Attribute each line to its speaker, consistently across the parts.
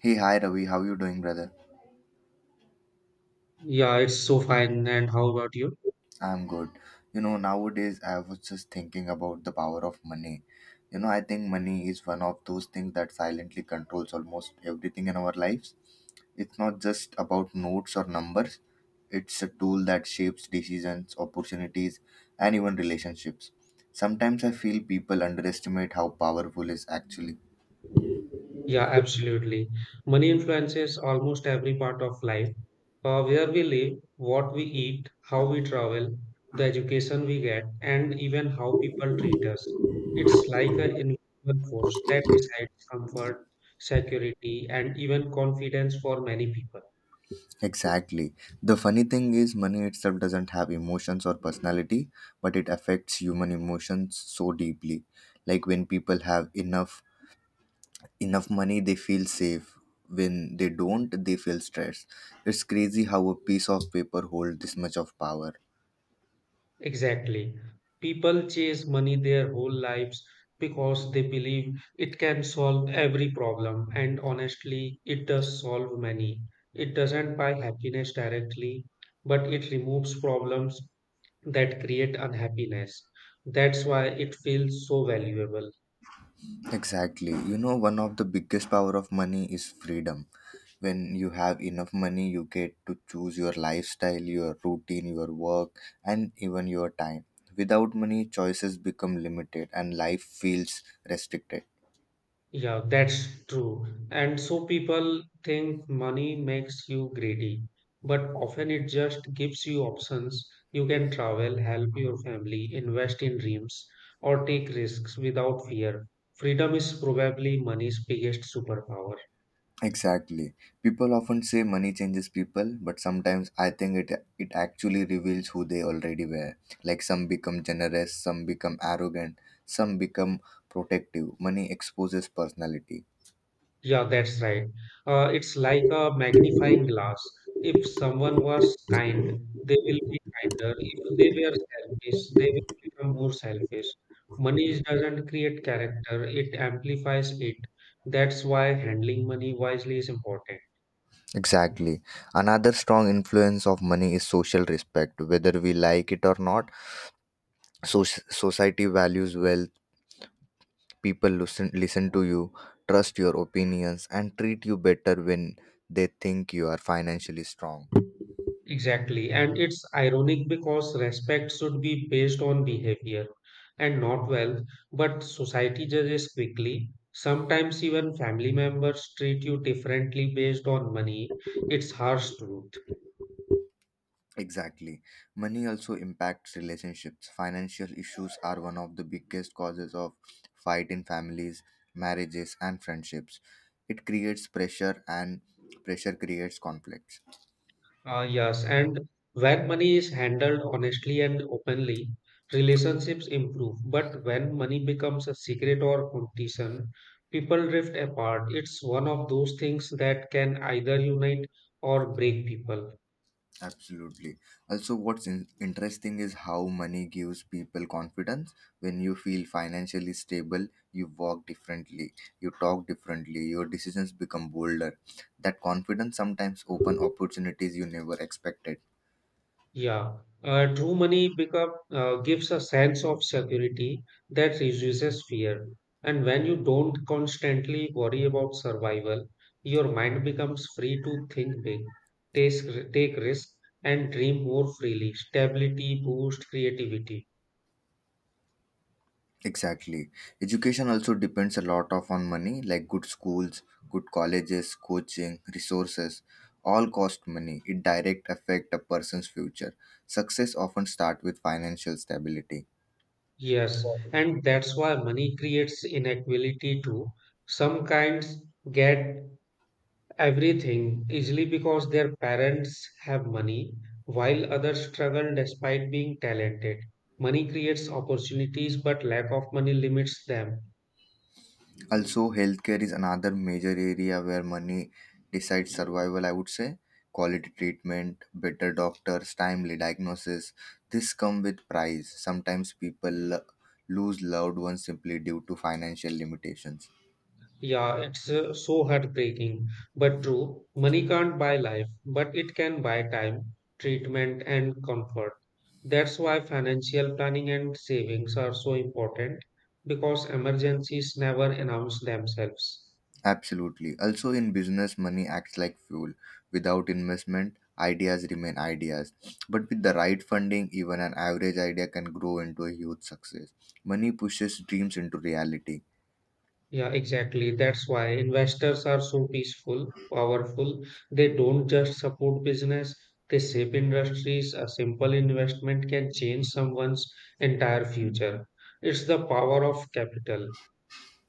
Speaker 1: Hey, hi Ravi, how you doing, brother?
Speaker 2: Yeah, it's so fine. And how about you?
Speaker 1: I'm good. You know, nowadays I was just thinking about the power of money. You know, I think money is one of those things that silently controls almost everything in our lives. It's not just about notes or numbers. It's a tool that shapes decisions, opportunities, and even relationships. Sometimes I feel people underestimate how powerful it is actually.
Speaker 2: Yeah, absolutely. Money influences almost every part of life. Where we live, what we eat, how we travel, the education we get, and even how people treat us. It's like an invisible force that decides comfort, security, and even confidence for many people.
Speaker 1: Exactly. The funny thing is, money itself doesn't have emotions or personality, but it affects human emotions so deeply. Like when people have enough money, they feel safe. When they don't, they feel stressed. It's crazy how a piece of paper holds this much of power.
Speaker 2: Exactly. People chase money their whole lives because they believe it can solve every problem, and honestly, it does solve many. It doesn't buy happiness directly, but it removes problems that create unhappiness. That's why it feels so valuable.
Speaker 1: Exactly. You know, one of the biggest power of money is freedom. When you have enough money, you get to choose your lifestyle, your routine, your work, and even your time. Without money, choices become limited and life feels restricted.
Speaker 2: Yeah, that's true. And so people think money makes you greedy, but often it just gives you options. You can travel, help your family, invest in dreams, or take risks without fear. Freedom is probably money's biggest superpower.
Speaker 1: Exactly. People often say money changes people, but sometimes I think it actually reveals who they already were. Like some become generous, some become arrogant, some become protective. Money exposes personality.
Speaker 2: Yeah, that's right. It's like a magnifying glass. If someone was kind, they will be kinder. If they were selfish, they will become more selfish. Money doesn't create character, it amplifies it. That's why handling money wisely is important.
Speaker 1: Exactly. Another strong influence of money is social respect. Whether we like it or not, society values wealth. People listen to you, trust your opinions, and treat you better when they think you are financially strong.
Speaker 2: Exactly. And it's ironic because respect should be based on behavior and not wealth, but society judges quickly. Sometimes even family members treat you differently based on money. It's harsh truth.
Speaker 1: Exactly. Money also impacts relationships. Financial issues are one of the biggest causes of fight in families, marriages, and friendships. It creates pressure, and pressure creates conflicts.
Speaker 2: Yes, and when money is handled honestly and openly, relationships improve. But when money becomes a secret or competition, people drift apart. It's one of those things that can either unite or break people.
Speaker 1: Absolutely. Also, what's interesting is how money gives people confidence. When you feel financially stable, you walk differently, you talk differently, your decisions become bolder. That confidence sometimes open opportunities you never expected.
Speaker 2: Yeah, true money become gives a sense of security that reduces fear. And when you don't constantly worry about survival, your mind becomes free to think big, take risks, and dream more freely. Stability boosts creativity.
Speaker 1: Exactly. Education also depends a lot of on money, like good schools, good colleges, coaching, resources. All cost money. It direct affect a person's future. Success often start with financial stability.
Speaker 2: Yes, and that's why money creates inequality too. Some kinds get everything easily because their parents have money, while others struggle despite being talented. Money creates opportunities, but lack of money limits them.
Speaker 1: Also, healthcare is another major area where money decides survival, I would say. Quality treatment, better doctors, timely diagnosis. This come with price. Sometimes people lose loved ones simply due to financial limitations.
Speaker 2: Yeah, it's so heartbreaking, but true. Money can't buy life, but it can buy time, treatment, and comfort. That's why financial planning and savings are so important because emergencies never announce themselves.
Speaker 1: Absolutely. Also, in business, money acts like fuel. Without investment, ideas remain ideas. But with the right funding, even an average idea can grow into a huge success. Money pushes dreams into reality.
Speaker 2: Yeah, exactly. That's why investors are so peaceful, powerful. They don't just support business, they shape industries. A simple investment can change someone's entire future. It's the power of capital.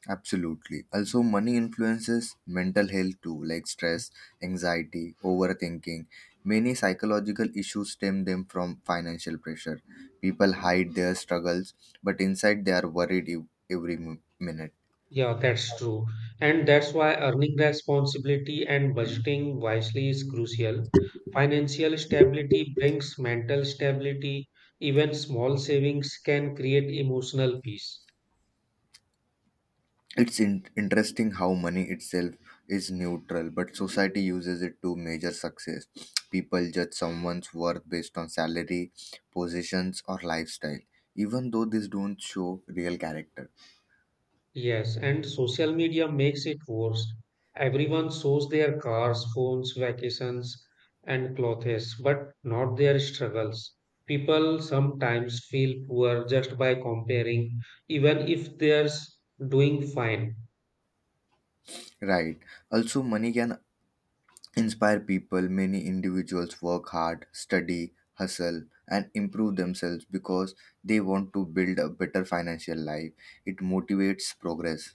Speaker 1: Absolutely. Also, money influences mental health too, like stress, anxiety, overthinking. Many psychological issues stem them from financial pressure. People hide their struggles, but inside they are worried every minute.
Speaker 2: Yeah, that's true. And that's why earning responsibility and budgeting wisely is crucial. Financial stability brings mental stability. Even small savings can create emotional peace.
Speaker 1: It's interesting how money itself is neutral, but society uses it to measure success. People judge someone's worth based on salary, positions, or lifestyle, even though these don't show real character.
Speaker 2: Yes, and social media makes it worse. Everyone shows their cars, phones, vacations, and clothes, but not their struggles. People sometimes feel poor just by comparing, even if doing fine.
Speaker 1: Right. Also, money can inspire people. Many individuals work hard, study, hustle, and improve themselves because they want to build a better financial life. It motivates progress.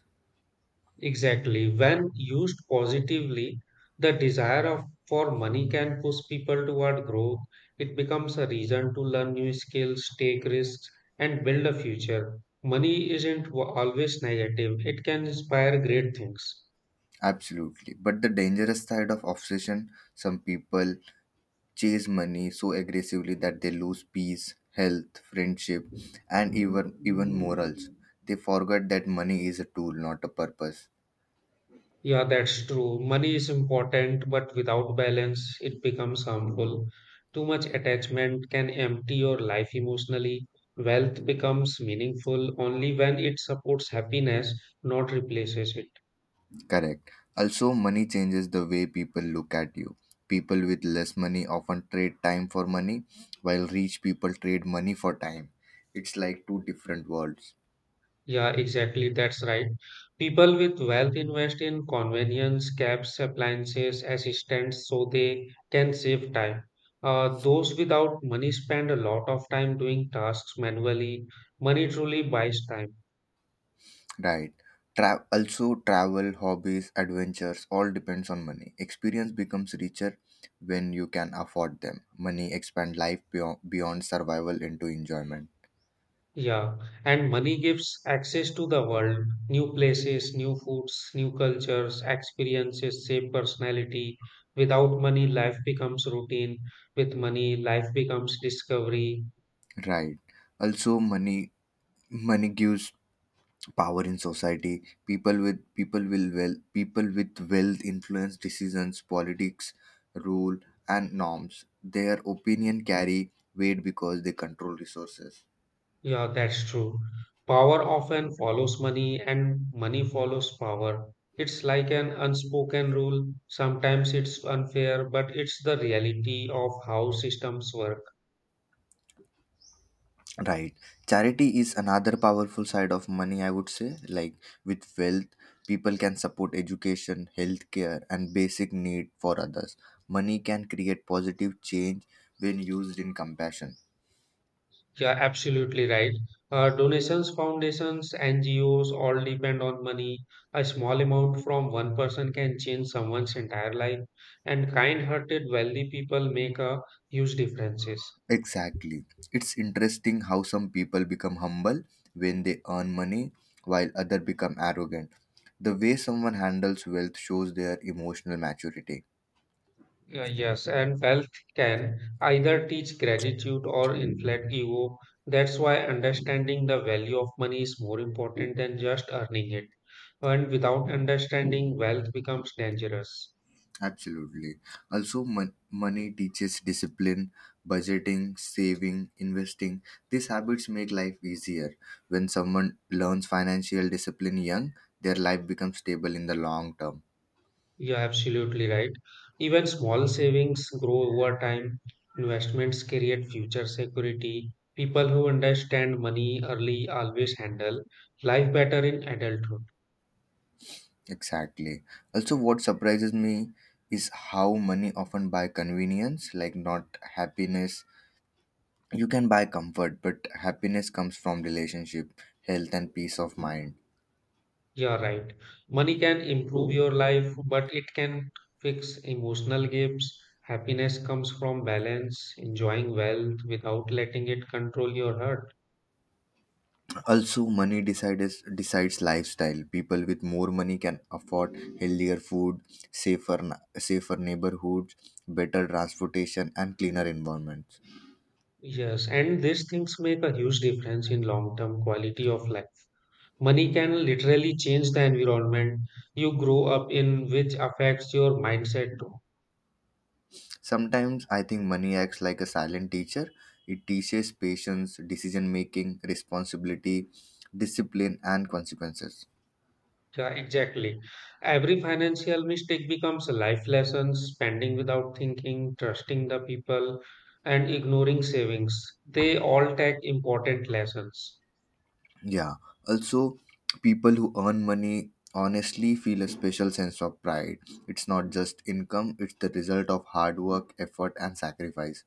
Speaker 2: Exactly. When used positively, the for money can push people toward growth. It becomes a reason to learn new skills, take risks, and build a future. Money isn't always negative, it can inspire great things.
Speaker 1: Absolutely. But the dangerous side of obsession some people chase money so aggressively that they lose peace, health, friendship, and even morals. They forget that money is a tool, not a purpose.
Speaker 2: Yeah, that's true. Money is important, but without balance, it becomes harmful. Too much attachment can empty your life emotionally. Wealth becomes meaningful only when it supports happiness, not replaces it.
Speaker 1: Correct. Also, money changes the way people look at you. People with less money often trade time for money, while rich people trade money for time. It's like two different worlds.
Speaker 2: Yeah, exactly. That's right. People with wealth invest in convenience, cabs, appliances, assistants, so they can save time. Those without money spend a lot of time doing tasks manually. Money truly buys time.
Speaker 1: Right. Also, travel, hobbies, adventures all depends on money. Experience becomes richer when you can afford them. Money expand life beyond survival into enjoyment.
Speaker 2: Yeah, and money gives access to the world, new places, new foods, new cultures, experiences, shape personality. Without money, life becomes routine. With money, life becomes discovery.
Speaker 1: Right. Also, money gives power in society, people with people will well people with wealth influence decisions, politics, rule, and norms, their opinion carry weight because they control resources.
Speaker 2: Yeah, that's true. Power often follows money, and money follows power. It's like an unspoken rule. Sometimes it's unfair, but it's the reality of how systems work.
Speaker 1: Right, charity is another powerful side of money, I would say, like with wealth people can support education, healthcare, and basic need for others. Money can create positive change when used in compassion.
Speaker 2: Yeah, absolutely right. Donations, foundations, NGOs all depend on money. A small amount from one person can change someone's entire life, and kind-hearted, wealthy people make a huge differences.
Speaker 1: Exactly. It's interesting how some people become humble when they earn money while others become arrogant. The way someone handles wealth shows their emotional maturity.
Speaker 2: Yes, and wealth can either teach gratitude or inflate ego. That's why understanding the value of money is more important than just earning it. And without understanding, wealth becomes dangerous.
Speaker 1: Absolutely. Also, money teaches discipline, budgeting, saving, investing. These habits make life easier. When someone learns financial discipline young, their life becomes stable in the long term.
Speaker 2: You're absolutely right. Even small savings grow over time. Investments create future security. People who understand money early always handle life better in adulthood.
Speaker 1: Exactly. Also, what surprises me is how money often buy convenience, like not happiness. You can buy comfort, but happiness comes from relationship, health, and peace of mind.
Speaker 2: You're right. Money can improve your life, but it can fix emotional gaps. Happiness comes from balance, enjoying wealth without letting it control your heart.
Speaker 1: Also, money decides lifestyle. People with more money can afford healthier food, safer safer neighborhoods, better transportation, and cleaner environments.
Speaker 2: Yes, and these things make a huge difference in long-term quality of life. Money can literally change the environment you grow up in, which affects your mindset too.
Speaker 1: Sometimes I think money acts like a silent teacher. It teaches patience, decision making, responsibility, discipline, and consequences.
Speaker 2: Yeah, exactly. Every financial mistake becomes a life lesson, spending without thinking, trusting the people, and ignoring savings. They all take important lessons.
Speaker 1: Yeah. Also, people who earn money honestly feel a special sense of pride. It's not just income, it's the result of hard work, effort, and sacrifice.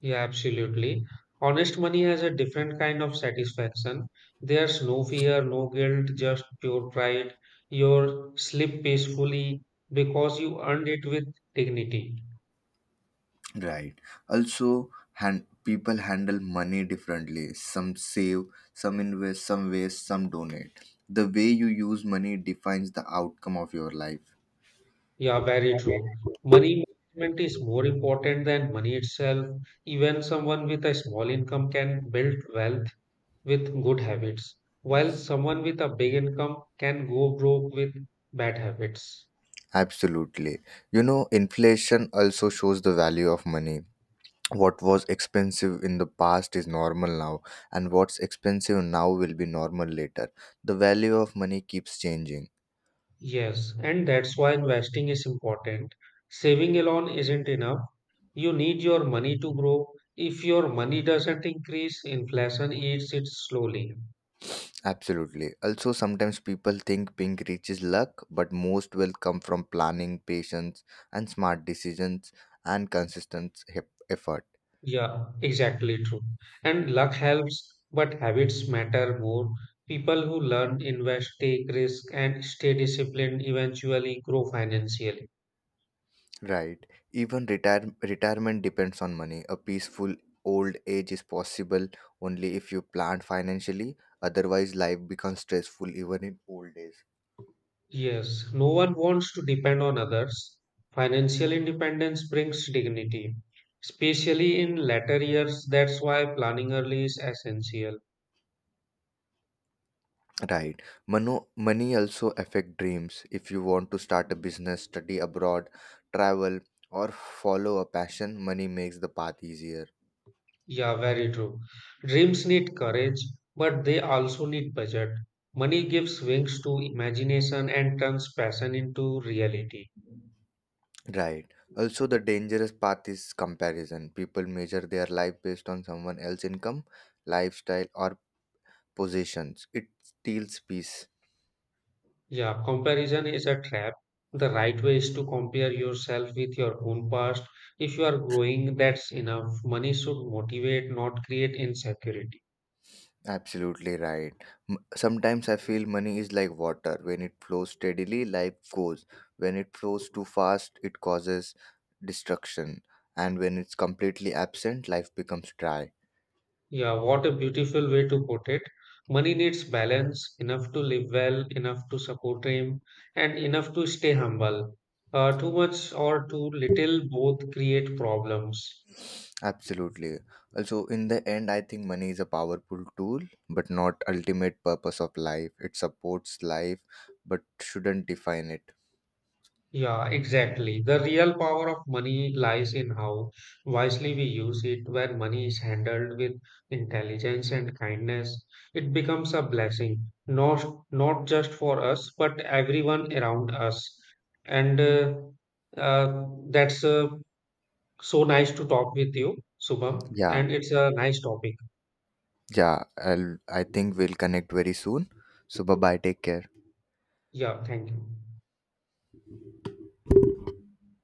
Speaker 2: Yeah, absolutely. Honest money has a different kind of satisfaction. There's no fear, no guilt, just pure pride. You sleep peacefully because you earned it with dignity.
Speaker 1: Right. Also, people handle money differently. Some save, some invest, some waste, some donate. The way you use money defines the outcome of your life.
Speaker 2: Yeah, very true. Money management is more important than money itself. Even someone with a small income can build wealth with good habits, while someone with a big income can go broke with bad habits.
Speaker 1: Absolutely. You know, inflation also shows the value of money. What was expensive in the past is normal now, and what's expensive now will be normal later. The value of money keeps changing.
Speaker 2: Yes, and that's why investing is important. Saving alone isn't enough. You need your money to grow. If your money doesn't increase, inflation eats it slowly.
Speaker 1: Absolutely. Also, sometimes people think being rich is luck, but most wealth come from planning, patience, and smart decisions and consistent effort.
Speaker 2: Yeah, exactly true. And luck helps, but habits matter more. People who learn, invest, take risk, and stay disciplined eventually grow financially.
Speaker 1: Right. Even retirement depends on money. A peaceful old age is possible only if you plan financially. Otherwise, life becomes stressful even in old age.
Speaker 2: Yes, no one wants to depend on others. Financial independence brings dignity, especially in later years. That's why planning early is essential.
Speaker 1: Right. Money also affect dreams. If you want to start a business, study abroad, travel, or follow a passion, money makes the path easier.
Speaker 2: Yeah, very true. Dreams need courage, but they also need budget. Money gives wings to imagination and turns passion into reality.
Speaker 1: Right. Also, the dangerous path is comparison. People measure their life based on someone else's income, lifestyle, or possessions. It steals peace.
Speaker 2: Yeah, comparison is a trap. The right way is to compare yourself with your own past. If you are growing, that's enough. Money should motivate, not create insecurity.
Speaker 1: Absolutely right. Sometimes I feel money is like water. When it flows steadily, life goes. When it flows too fast, it causes destruction. And when it's completely absent, life becomes dry.
Speaker 2: Yeah, what a beautiful way to put it. Money needs balance, enough to live well, enough to support him, and enough to stay humble. Too much or too little both create problems.
Speaker 1: Absolutely. Also, in the end, I think money is a powerful tool, but not ultimate purpose of life. It supports life, but shouldn't define it.
Speaker 2: Yeah, exactly. The real power of money lies in how wisely we use it. When money is handled with intelligence and kindness, it becomes a blessing, not just for us, but everyone around us. And that's so nice to talk with you, Subham,
Speaker 1: Yeah,
Speaker 2: and it's a nice topic.
Speaker 1: yeah. I think we'll connect very soon. So bye bye. Take care.
Speaker 2: Yeah, thank you.